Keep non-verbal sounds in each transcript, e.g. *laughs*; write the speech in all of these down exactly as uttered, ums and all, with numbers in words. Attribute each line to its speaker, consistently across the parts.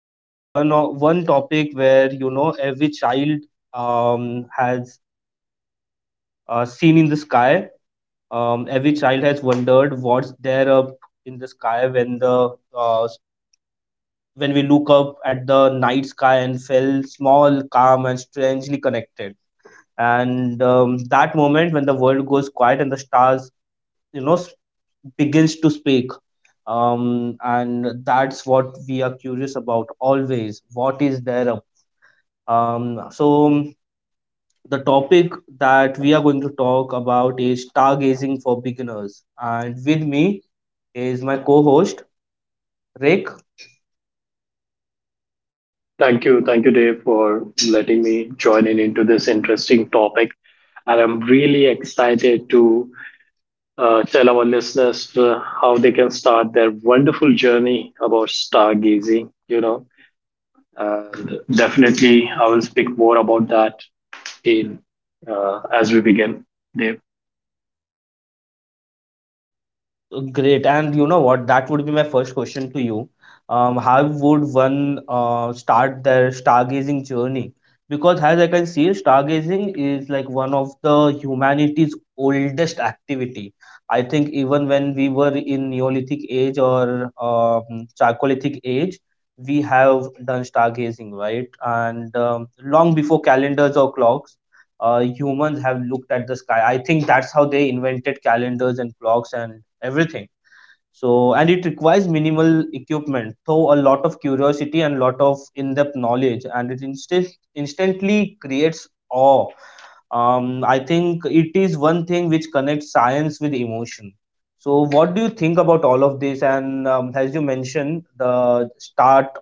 Speaker 1: is one o- one topic where you know every child um, has uh, seen in the sky. Um, every child has wondered what's there up in the sky when the uh, s- when we look up at the night sky and feel small, calm, and strangely connected. And um, That moment when the world goes quiet and the stars you know begins to speak, um, and that's what we are curious about always. What is there up? um, so um, the topic that we are going to talk about is stargazing for beginners, and with me is my co-host Rick.
Speaker 2: Thank you. Thank you, Dave, for letting me join in into this interesting topic. And I'm really excited to uh, tell our listeners uh, how they can start their wonderful journey about stargazing, you know. And definitely, I will speak more about that in uh, as we begin, Dave.
Speaker 1: Uh, Great. And you know what? That would be my first question to you. Um, how would one uh, start their stargazing journey? Because as I can see, stargazing is like one of the humanity's oldest activity. I think even when we were in Neolithic age or um, Chalcolithic age, we have done stargazing, right? And um, long before calendars or clocks, uh, humans have looked at the sky. I think that's how they invented calendars and clocks and everything. So, and it requires minimal equipment, though a lot of curiosity and lot of in-depth knowledge, and it instant instantly creates awe. Um, I think it is one thing which connects science with emotion. So, what do you think about all of this? And um, as you mentioned, the start,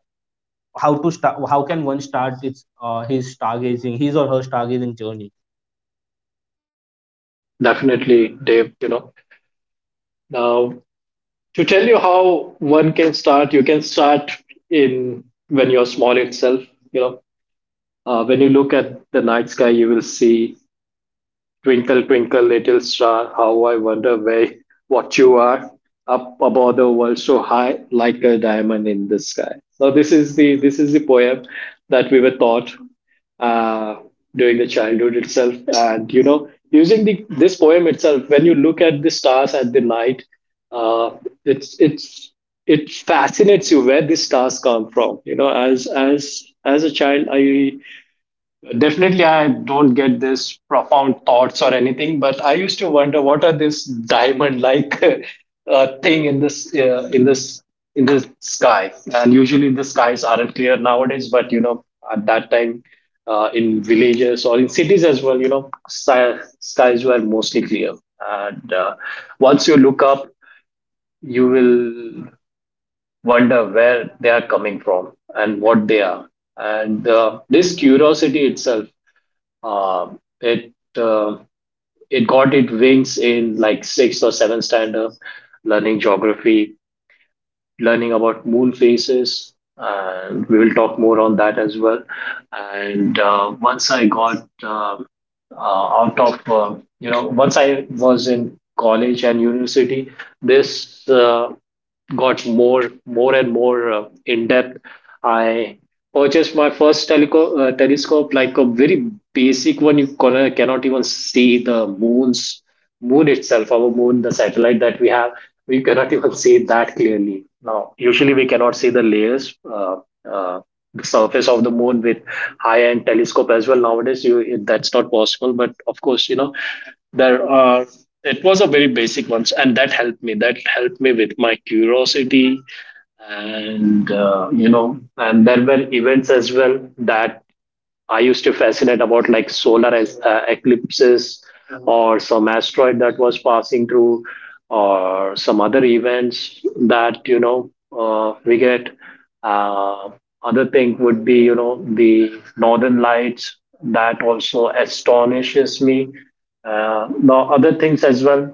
Speaker 1: how to start, how can one start its uh, his stargazing, his or her stargazing journey?
Speaker 2: Definitely, Dave, you know. Now, to tell you how one can start, you can start in when you're small itself, you know Uh, when you look at the night sky, you will see twinkle, twinkle, little star. How I wonder where what you are up above the world so high, like a diamond in the sky. Now, this is the this is the poem that we were taught uh, during the childhood itself, and, you know, using the this poem itself, when you look at the stars at the night, uh, it's it's it fascinates you where these stars come from. You know, as as as a child, I Definitely, I don't get this profound thoughts or anything, but I used to wonder what are this diamond-like *laughs* uh, thing in this uh, in this in this sky. And usually, the skies aren't clear nowadays. But, you know, at that time, uh, in villages or in cities as well, you know, sky, skies were mostly clear. And uh, once you look up, you will wonder where they are coming from and what they are. And uh, this curiosity itself, uh, it uh, it got its wings in like sixth or seventh standard, learning geography, learning about moon phases. And we will talk more on that as well. And uh, once I got um uh, out of, uh, you know, once I was in college and university, this uh, got more, more and more uh, in depth. I purchased my first teleco- uh, telescope, like a very basic one. You con- cannot even see the moon's moon itself, our moon, the satellite that we have, we cannot even see it that clearly. Now, usually, we cannot see the layers uh, uh, the surface of the moon with high end telescope as well nowadays, you it, that's not possible. But of course, you know there are it was a very basic one, and that helped me that helped me with my curiosity. And, uh, you know and there were events as well that I used to fascinate about, like solar as, uh, eclipses, or some asteroid that was passing through, or some other events that, you know uh, we get. Uh, other thing would be, you know the northern lights, that also astonishes me. Uh, now other things as well.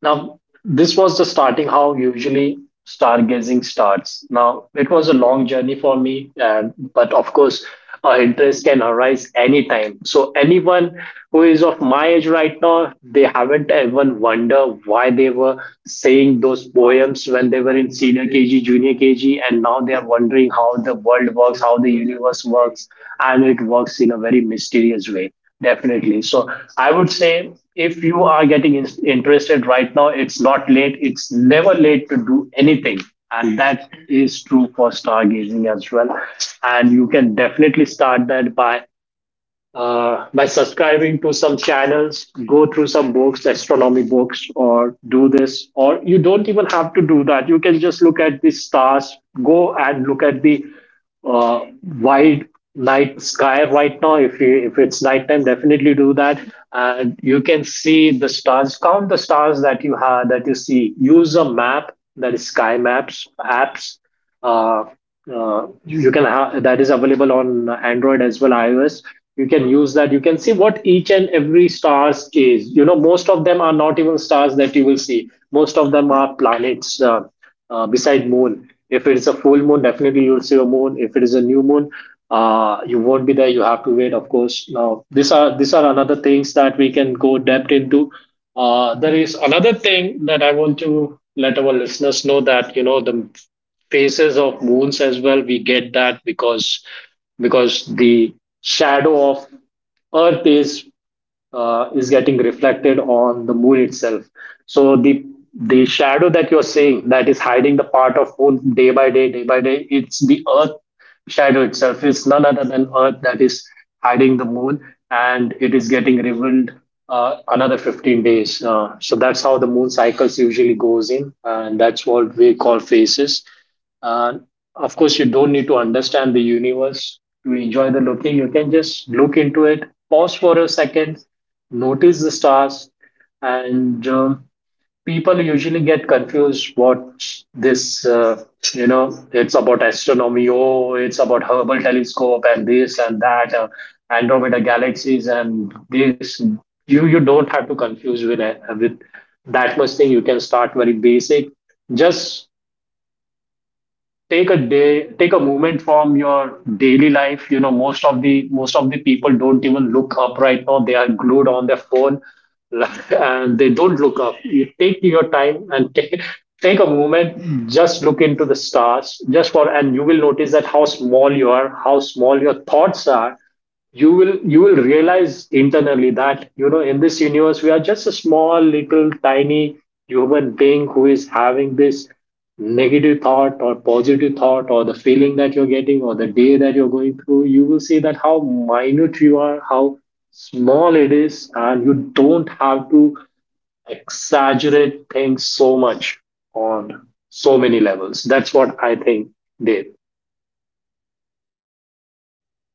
Speaker 2: Now, this was the starting how usually stargazing starts. Now, it was a long journey for me, and, but of course, uh, interest can arise anytime. So, anyone who is of my age right now, they haven't even wondered why they were saying those poems when they were in senior K G, junior K G, and now they are wondering how the world works, how the universe works, and it works in a very mysterious way. Definitely. So, I would say if you are getting in- interested right now, it's not late. It's never late to do anything. And that is true for stargazing as well. And you can definitely start that by, uh, by subscribing to some channels, go through some books, astronomy books, or do this, or you don't even have to do that. You can just look at the stars, go and look at the uh, wide night sky right now. If you if it's nighttime, definitely do that, and you can see the stars. Count the stars that you have that you see. Use a map, that is sky maps apps. uh, uh, you, you can have, that is available on Android as well i O S, you can use that. You can see what each and every stars is. You know most of them are not even stars that you will see. Most of them are planets. Uh, uh, beside moon, if it is a full moon, definitely you'll see a moon. If it is a new moon, uh, you won't be there, you have to wait. Of course, now, these are these are another things that we can go depth into. Uh, there is another thing that I want to let our listeners know, that you know the phases of moons as well we get that, because because the shadow of Earth is uh, is getting reflected on the moon itself. So, the the shadow that you're seeing, that is hiding the part of moon day by day, day by day, it's the Earth shadow itself. It's none other than Earth that is hiding the moon, and it is getting revealed uh, another fifteen days. Uh, so that's how the moon cycles usually goes in, and that's what we call phases. And of course, you don't need to understand the universe to enjoy the looking. You can just look into it, pause for a second, notice the stars, and uh, people usually get confused what this, uh, you know, it's about astronomy, oh, it's about Hubble telescope and this and that, uh, Andromeda galaxies and this. You you don't have to confuse with, uh, with that much thing. You can start very basic. Just take a day take a moment from your daily life. you know most of the most of the people don't even look up right now, they are glued on their phone *laughs* and they don't look up. You take your time and take take a moment, just look into the stars, just for and you will notice that how small you are, how small your thoughts are. You will you will realize internally that, you know in this universe we are just a small little tiny human being who is having this negative thought or positive thought, or the feeling that you're getting, or the day that you're going through. You will see that how minute you are, how small it is, and you don't have to exaggerate things so much, on so many levels. That's what I think, Dave.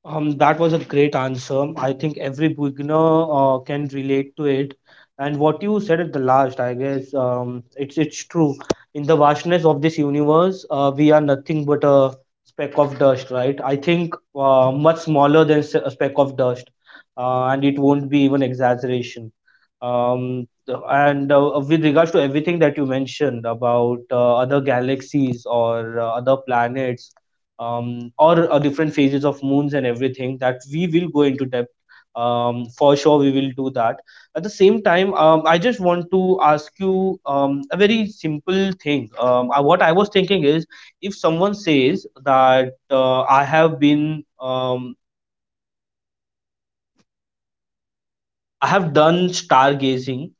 Speaker 1: Um, that was a great answer. I think every beginner uh, can relate to it. And what you said at the last, I guess, um, it's it's true. In the vastness of this universe, uh, we are nothing but a speck of dust, right? I think uh, much smaller than s- a speck of dust, uh, and it won't be even exaggeration. Um, the- and uh, with regards to everything that you mentioned about uh, other galaxies or uh, other planets, um, or uh, different phases of moons and everything, that we will go into depth, um, for sure we will do that. At the same time, um, I just want to ask you um, a very simple thing. Um, I, what I was thinking is if someone says that uh, I have been, um, I have done stargazing.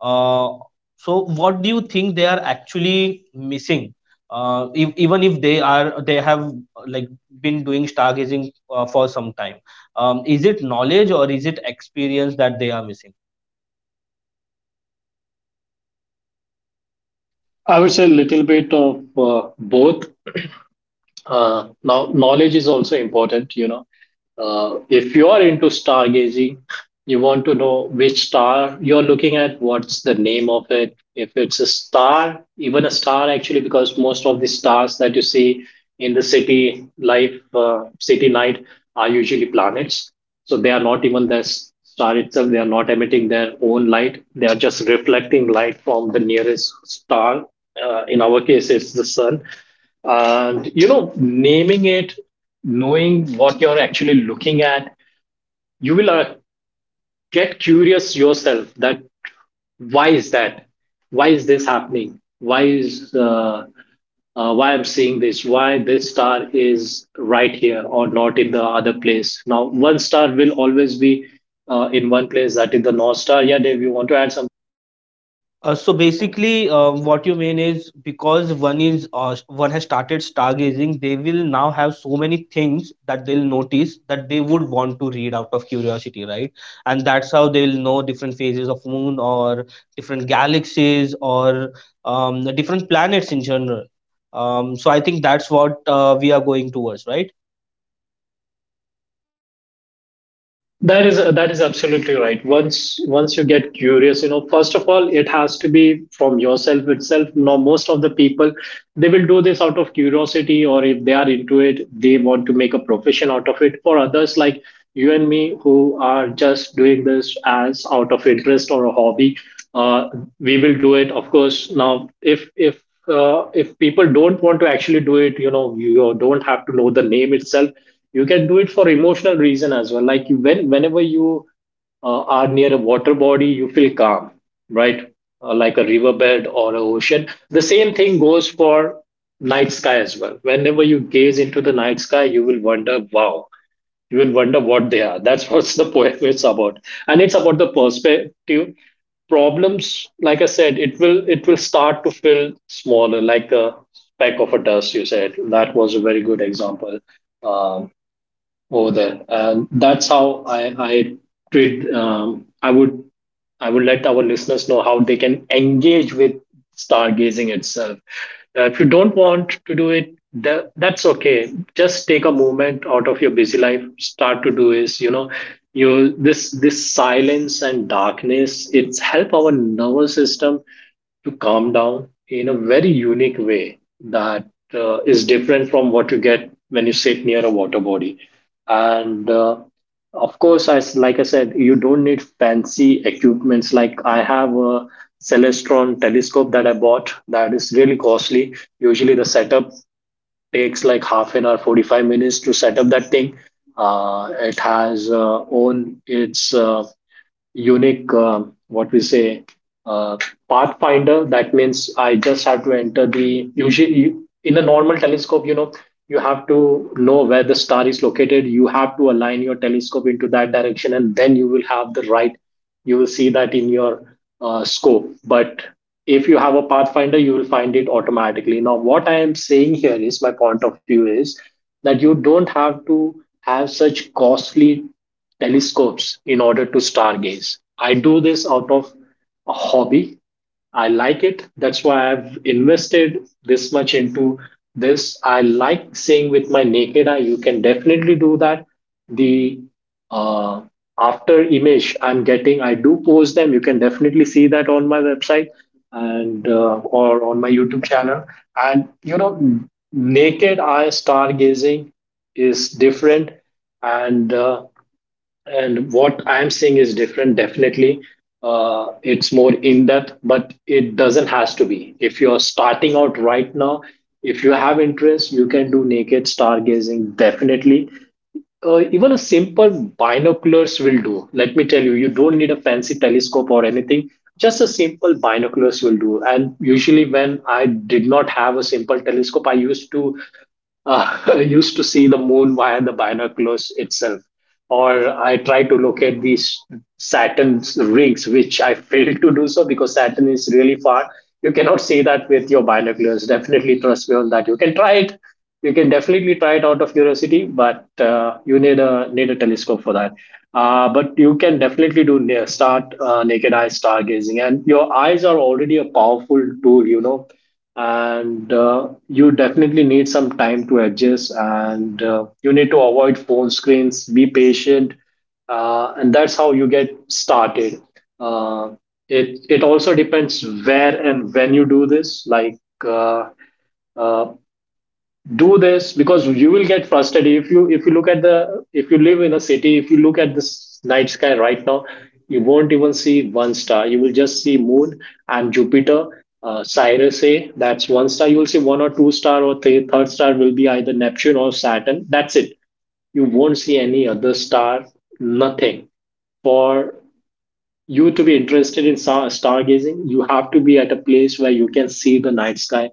Speaker 1: Uh, so, what do you think they are actually missing? Uh, if, Even if they are, they have uh, like been doing stargazing uh, for some time. Um, is it knowledge or is it experience that they are missing?
Speaker 2: I would say a little bit of, uh, both. uh, now knowledge is also important. You know uh, if you are into stargazing, you want to know which star you're looking at, what's the name of it, if it's a star, even a star actually, because most of the stars that you see in the city life, uh, city night, are usually planets. So, they are not even the s- star itself, they are not emitting their own light, they are just reflecting light from the nearest star. Uh, in our case, it's the sun. And, you know naming it, knowing what you're actually looking at, you will, uh, get curious yourself, that why is that, why is this happening, why is uh, uh, why I'm seeing this, why this star is right here or not in the other place. Now, one star will always be, uh, in one place, that is the North Star. Yeah, Dave, you want to add something?
Speaker 1: Uh, so basically, um, what you mean is because one is uh, one has started stargazing, they will now have so many things that they'll notice that they would want to read out of curiosity, right? And that's how they'll know different phases of moon or different galaxies or um, the different planets in general. Um, so I think that's what uh, we are going towards, right?
Speaker 2: That is that is absolutely right. Once once you get curious, you know first of all, it has to be from yourself itself. Now, most of the people, they will do this out of curiosity, or, if they are into it, they want to make a profession out of it. For others like you and me, who are just doing this as out of interest or a hobby, uh, we will do it. Of course, now, if if uh, if people don't want to actually do it, you know you don't have to know the name itself. You can do it for emotional reason as well. Like, you- when whenever you, uh, are near a water body, you feel calm, right? Uh, like a riverbed or a ocean. The same thing goes for night sky as well. Whenever you gaze into the night sky, you will wonder, wow, you will wonder what they are. That's *laughs* what the poem is about, and it's about the perspective problems. Like I said, it will it will start to feel smaller, like a speck of a dust. You said that was a very good example. Um, Over there. And that's how I, I treat. Um, I would I would let our listeners know how they can engage with stargazing itself. Uh, if you don't want to do it, tha- that's okay. Just take a moment out of your busy life. Start to do is, you know you this this silence and darkness. It's help our nervous system to calm down in a very unique way that uh, is different from what you get when you sit near a water body and uh, of course, as like I said, you don't need fancy equipments. Like I have a Celestron telescope that I bought that is really costly. Usually the setup takes like half an hour, forty-five minutes to set up that thing. Uh, it has uh, own its uh, unique, um what we say, uh, pathfinder. That means I just have to enter the usually, in a normal telescope, you know, you have to know where the star is located. You have to align your telescope into that direction, and then you will have the right, you will see that in your uh, scope. But if you have a pathfinder, you will find it automatically. Now, what I am saying here is my point of view is that you don't have to have such costly telescopes in order to stargaze. I do this out of a hobby. I like it. That's why I've invested this much into this. I like seeing with my naked eye. You can definitely do that. The uh, after image I'm getting, I do post them. You can definitely see that on my website and, uh, or on my YouTube channel. And you know, naked eye stargazing is different and uh, and what I'm seeing is different, definitely. Uh, it's more in depth, but it doesn't has to be. If you're starting out right now, if you have interest, you can do naked stargazing, definitely. Uh, even a simple binoculars will do. Let me tell you, you don't need a fancy telescope or anything. Just a simple binoculars will do. And usually, when I did not have a simple telescope, I used to uh, *laughs* used to see the moon via the binoculars itself, or I try to locate these Saturn's rings, which I *laughs* failed to do so because Saturn is really far. You cannot see that with your binoculars. Definitely trust me on that. You can try it. You can definitely try it out of curiosity, but uh, you need a need a telescope for that. Uh, but you can definitely do near start uh, naked eye stargazing, and your eyes are already a powerful tool. You know, and uh, you definitely need some time to adjust, and uh, you need to avoid phone screens, be patient, uh, and that's how you get started. uh, it it also depends where and when you do this, like uh, uh, do this because you will get frustrated if you if you look at the, if you live in a city, if you look at this night sky right now, you won't even see one star. You will just see moon and Jupiter, uh, Cyrus A, that's one star. You will see one or two star, or th- third star will be either Neptune or Saturn. That's it. You won't see any other star, nothing. For you to be interested in star stargazing, you have to be at a place where you can see the night sky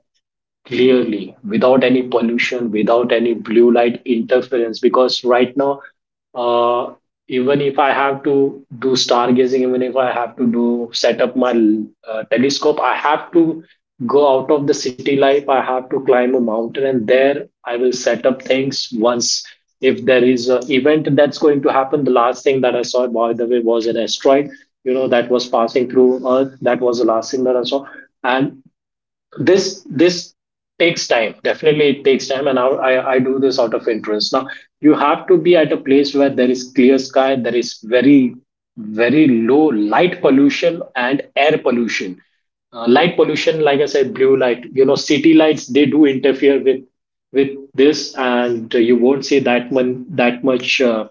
Speaker 2: clearly, without any pollution, without any blue light interference, because right now, uh, even if I have to do stargazing, even if I have to do set up my uh, telescope, I have to go out of the city life. I have to climb a mountain, and there I will set up things once, if there is an event that's going to happen. The last thing that I saw, by the way, was an asteroid, you know, that was passing through earth. That was the last thing that I saw. And this this takes time, definitely. It takes time. And I, I i do this out of interest. Now you have to be at a place where there is clear sky, there is very very low light pollution and air pollution. Uh, light pollution, like I said, blue light, you know, city lights, they do interfere with with this, and uh, you won't see that one that much uh,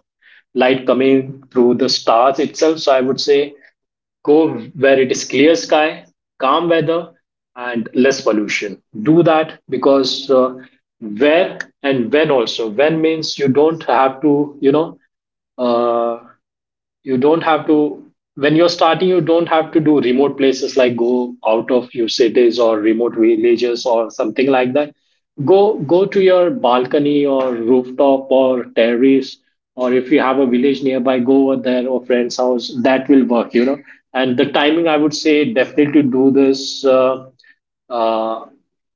Speaker 2: light coming through the stars itself. So I would say, go where it is clear sky, calm weather, and less pollution. Do that because uh, where and when, also. When means you don't have to, you know, uh, you don't have to, when you're starting, you don't have to do remote places, like go out of your cities or remote villages or something like that. Go go to your balcony or rooftop or terrace, or if you have a village nearby, go over there, or friend's house. That will work, you know. And the timing, I would say definitely do this, uh, uh,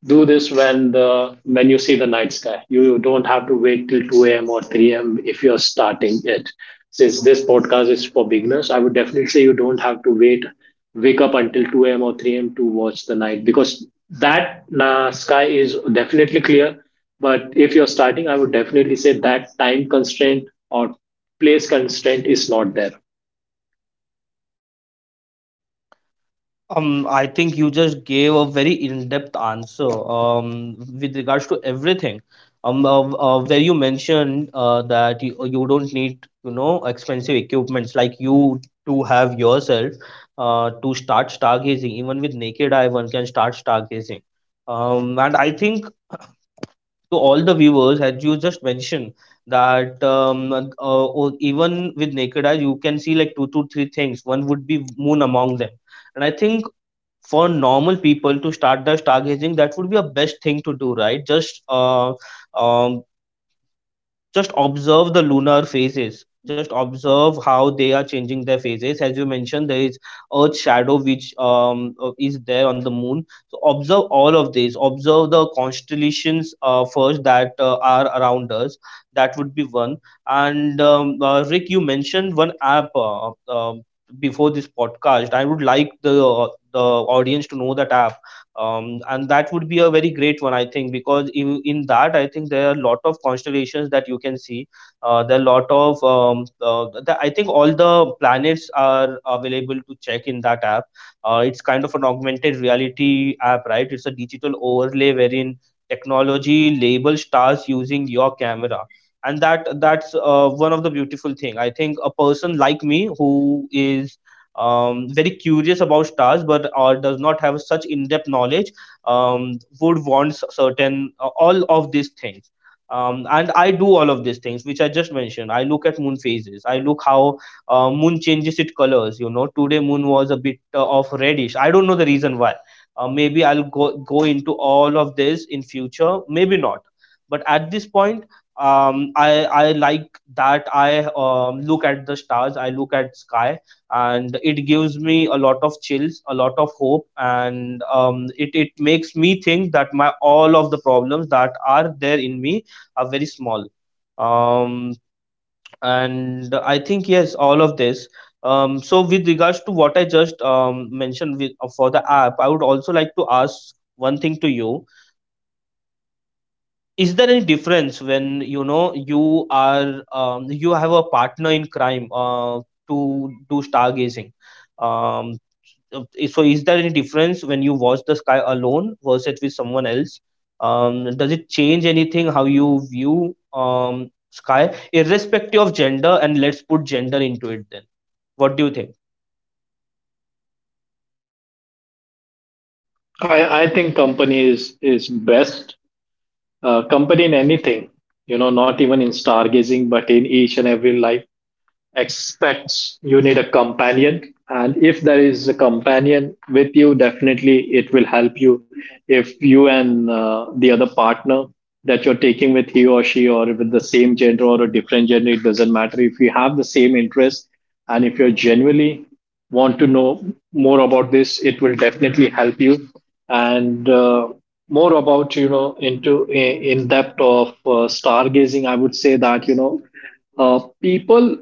Speaker 2: do this when the when you see the night sky. You don't have to wait till two a m or three a m if you're starting it. Since this podcast is for beginners, I would definitely say you don't have to wait, wake up until two a m or three a m to watch the night, because that uh, sky is definitely clear. But if you're starting, I would definitely say that time constraint or place constraint is not there.
Speaker 1: Um, I think you just gave a very in-depth answer um, with regards to everything. Um, uh, uh, where you mentioned uh, that you, you don't need, you know, expensive equipments like you to have yourself uh, to start stargazing. Even with naked eye, one can start stargazing. Um, and I think to all the viewers, as you just mentioned, that um, uh, or even with naked eye, you can see like two to three things. One would be moon among them. And I think for normal people to start their stargazing, that would be a best thing to do, right? Just uh, um, just observe the lunar phases. Just observe how they are changing their phases. As you mentioned, there is Earth shadow which um, uh, is there on the moon. So observe all of these. Observe the constellations uh, first that uh, are around us. That would be one. And um, uh, Rick, you mentioned one app. Uh, um, before this podcast, I would like the uh, the audience to know that app, um, and that would be a very great one, I think, because in, in that I think there are a lot of constellations that you can see. Uh, there are a lot of um, uh, the, I think all the planets are available to check in that app. Uh, it's kind of an augmented reality app, right? It's a digital overlay wherein technology labels stars using your camera. And that that's uh, one of the beautiful thing. I think a person like me who is um, very curious about stars but uh, does not have such in-depth knowledge, um, would want s- certain uh, all of these things. Um, and I do all of these things which I just mentioned. I look at moon phases. I look how uh, moon changes its colors. You know, today moon was a bit uh, of reddish. I don't know the reason why. Uh, maybe I'll go, go into all of this in future, maybe not. But at this point, um, I, I like that I um, look at the stars. I look at sky, and it gives me a lot of chills, a lot of hope. And um, it, it makes me think that my all of the problems that are there in me are very small. um, and I think, yes, all of this. Um, so with regards to what I just um, mentioned with, uh, for the app, I would also like to ask one thing to you. Is there any difference when, you know, you are, um, you have a partner in crime uh, to do stargazing? um, i- so is there any difference when you watch the sky alone versus with someone else? Um, does it change anything how you view, um, sky, irrespective of gender? And let's put gender into it then. What do you think?
Speaker 2: I, I think company is is best, uh, company in anything, you know, not even in stargazing but in each and every life expects, you need a companion. And if there is a companion with you, definitely it will help you. If you and uh, the other partner that you're taking with, he or she, or with the same gender or a different gender, it doesn't matter, if you have the same interest and if you genuinely want to know more about this, it will definitely help you. And uh, more about, you know, into in depth of uh, stargazing, I would say that, you know, uh, people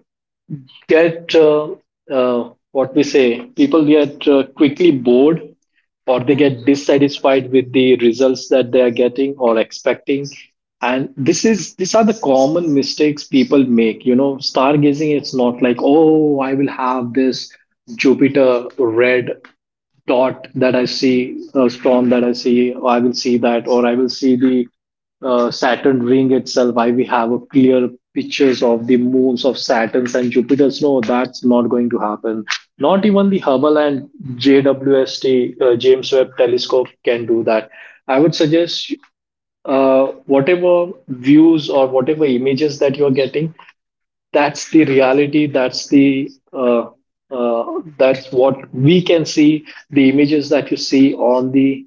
Speaker 2: get uh, uh, what we say, people get uh, quickly bored, or they get dissatisfied with the results that they are getting or expecting. And this is these are the common mistakes people make, you know. Stargazing, it's not like, oh, I will have this Jupiter red dot that I see, a storm that I see, or I will see that, or I will see the uh, Saturn ring itself. I will have a clear pictures of the moons of Saturns and Jupiters. No, that's not going to happen. Not even the Hubble and J W S T, uh, James Webb Telescope can do that. I would suggest, uh, whatever views or whatever images that you are getting, that's the reality. That's the uh, uh, that's what we can see. The images that you see on the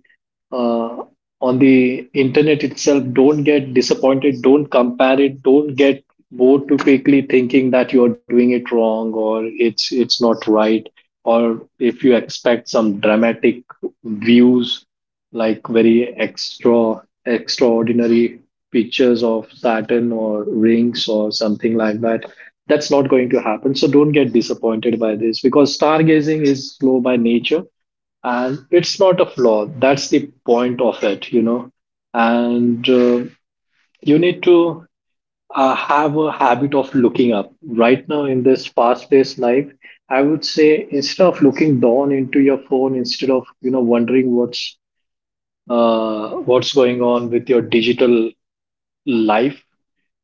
Speaker 2: uh, on the internet itself, don't get disappointed, don't compare it, don't get bored too quickly thinking that you're doing it wrong or it's it's not right, or if you expect some dramatic views, like very extra extraordinary pictures of Saturn or rings or something like that, that's not going to happen. So don't get disappointed by this, because stargazing is slow by nature, and it's not a flaw. That's the point of it, you know. And uh, you need to uh, have a habit of looking up. Right now, in this fast paced life, I would say instead of looking down into your phone, instead of, you know, wondering what's uh, what's going on with your digital life,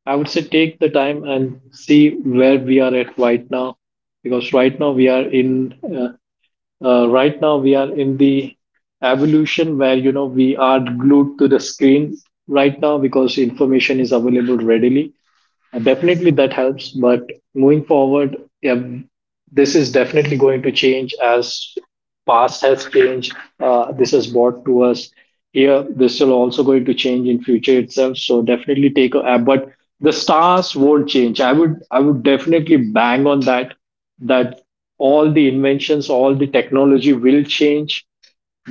Speaker 2: I would say take the time and see where we are at right now, because right now we are in uh, uh, right now we are in the evolution where, you know, we are glued to the screen right now, because information is available readily, and definitely that helps. But moving forward, yeah, this is definitely going to change, as past has changed. Uh, this has brought to us here. This will also going to change in future itself. So definitely take a. Uh, but the stars won't change. I would I would definitely bang on that. That all the inventions, all the technology will change,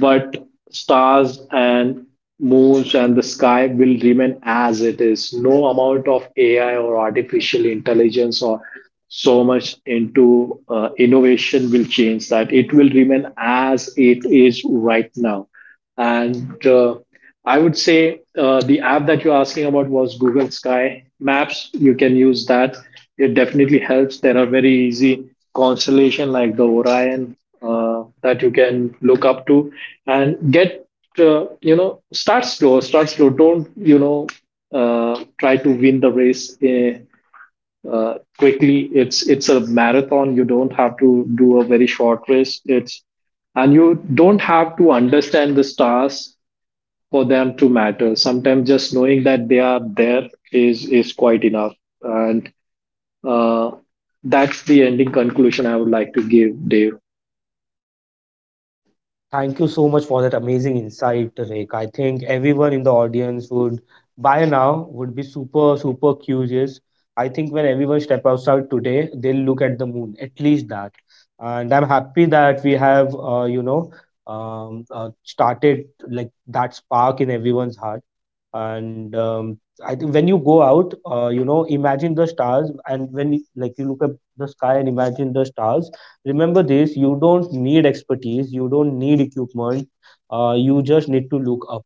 Speaker 2: but stars and moons and the sky will remain as it is. No amount of A I or artificial intelligence or so much into uh, innovation will change that. It will remain as it is right now. And uh, I would say uh, the app that you're asking about was Google Sky Maps. You can use that. It definitely helps. There are very easy constellation like the Orion uh, that you can look up to and get. Uh, you know, start slow. Start slow. Don't, you know, Uh, try to win the race, eh, uh, quickly. It's it's a marathon. You don't have to do a very short race. It's, and you don't have to understand the stars for them to matter. Sometimes just knowing that they are there is is quite enough, and uh, that's the ending conclusion I would like to give, Dave.
Speaker 1: Thank you so much for that amazing insight, Rick. I think everyone in the audience would, by now, would be super, super curious. I think when everyone step outside today, they'll look at the moon, at least that. And I'm happy that we have, uh, you know, um, uh, started like that spark in everyone's heart. And um, I think when you go out, uh, you know, imagine the stars. And when you, like you look at the sky and imagine the stars, remember this: you don't need expertise, you don't need equipment. Uh, you just need to look up.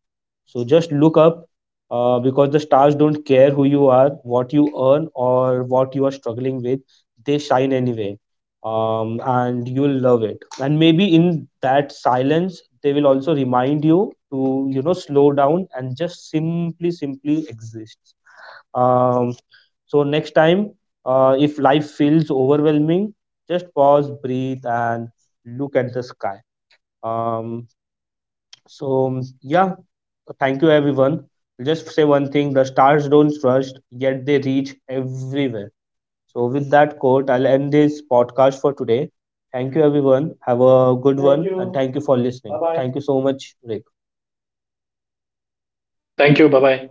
Speaker 1: So just look up, uh, because the stars don't care who you are, what you earn, or what you are struggling with. They shine anyway. Um, and you'll love it. And maybe in that silence, they will also remind you to, you know, slow down and just simply simply exist. um, so next time, uh, if life feels overwhelming, just pause, breathe, and look at the sky. Um, so yeah, thank you everyone. Just say one thing: the stars don't rush, yet they reach everywhere. So with that quote, I'll end this podcast for today. Thank you everyone. Have a good Thank one, you. And thank you for listening. Bye bye. Thank you so much, Rick.
Speaker 2: Thank you. Bye bye.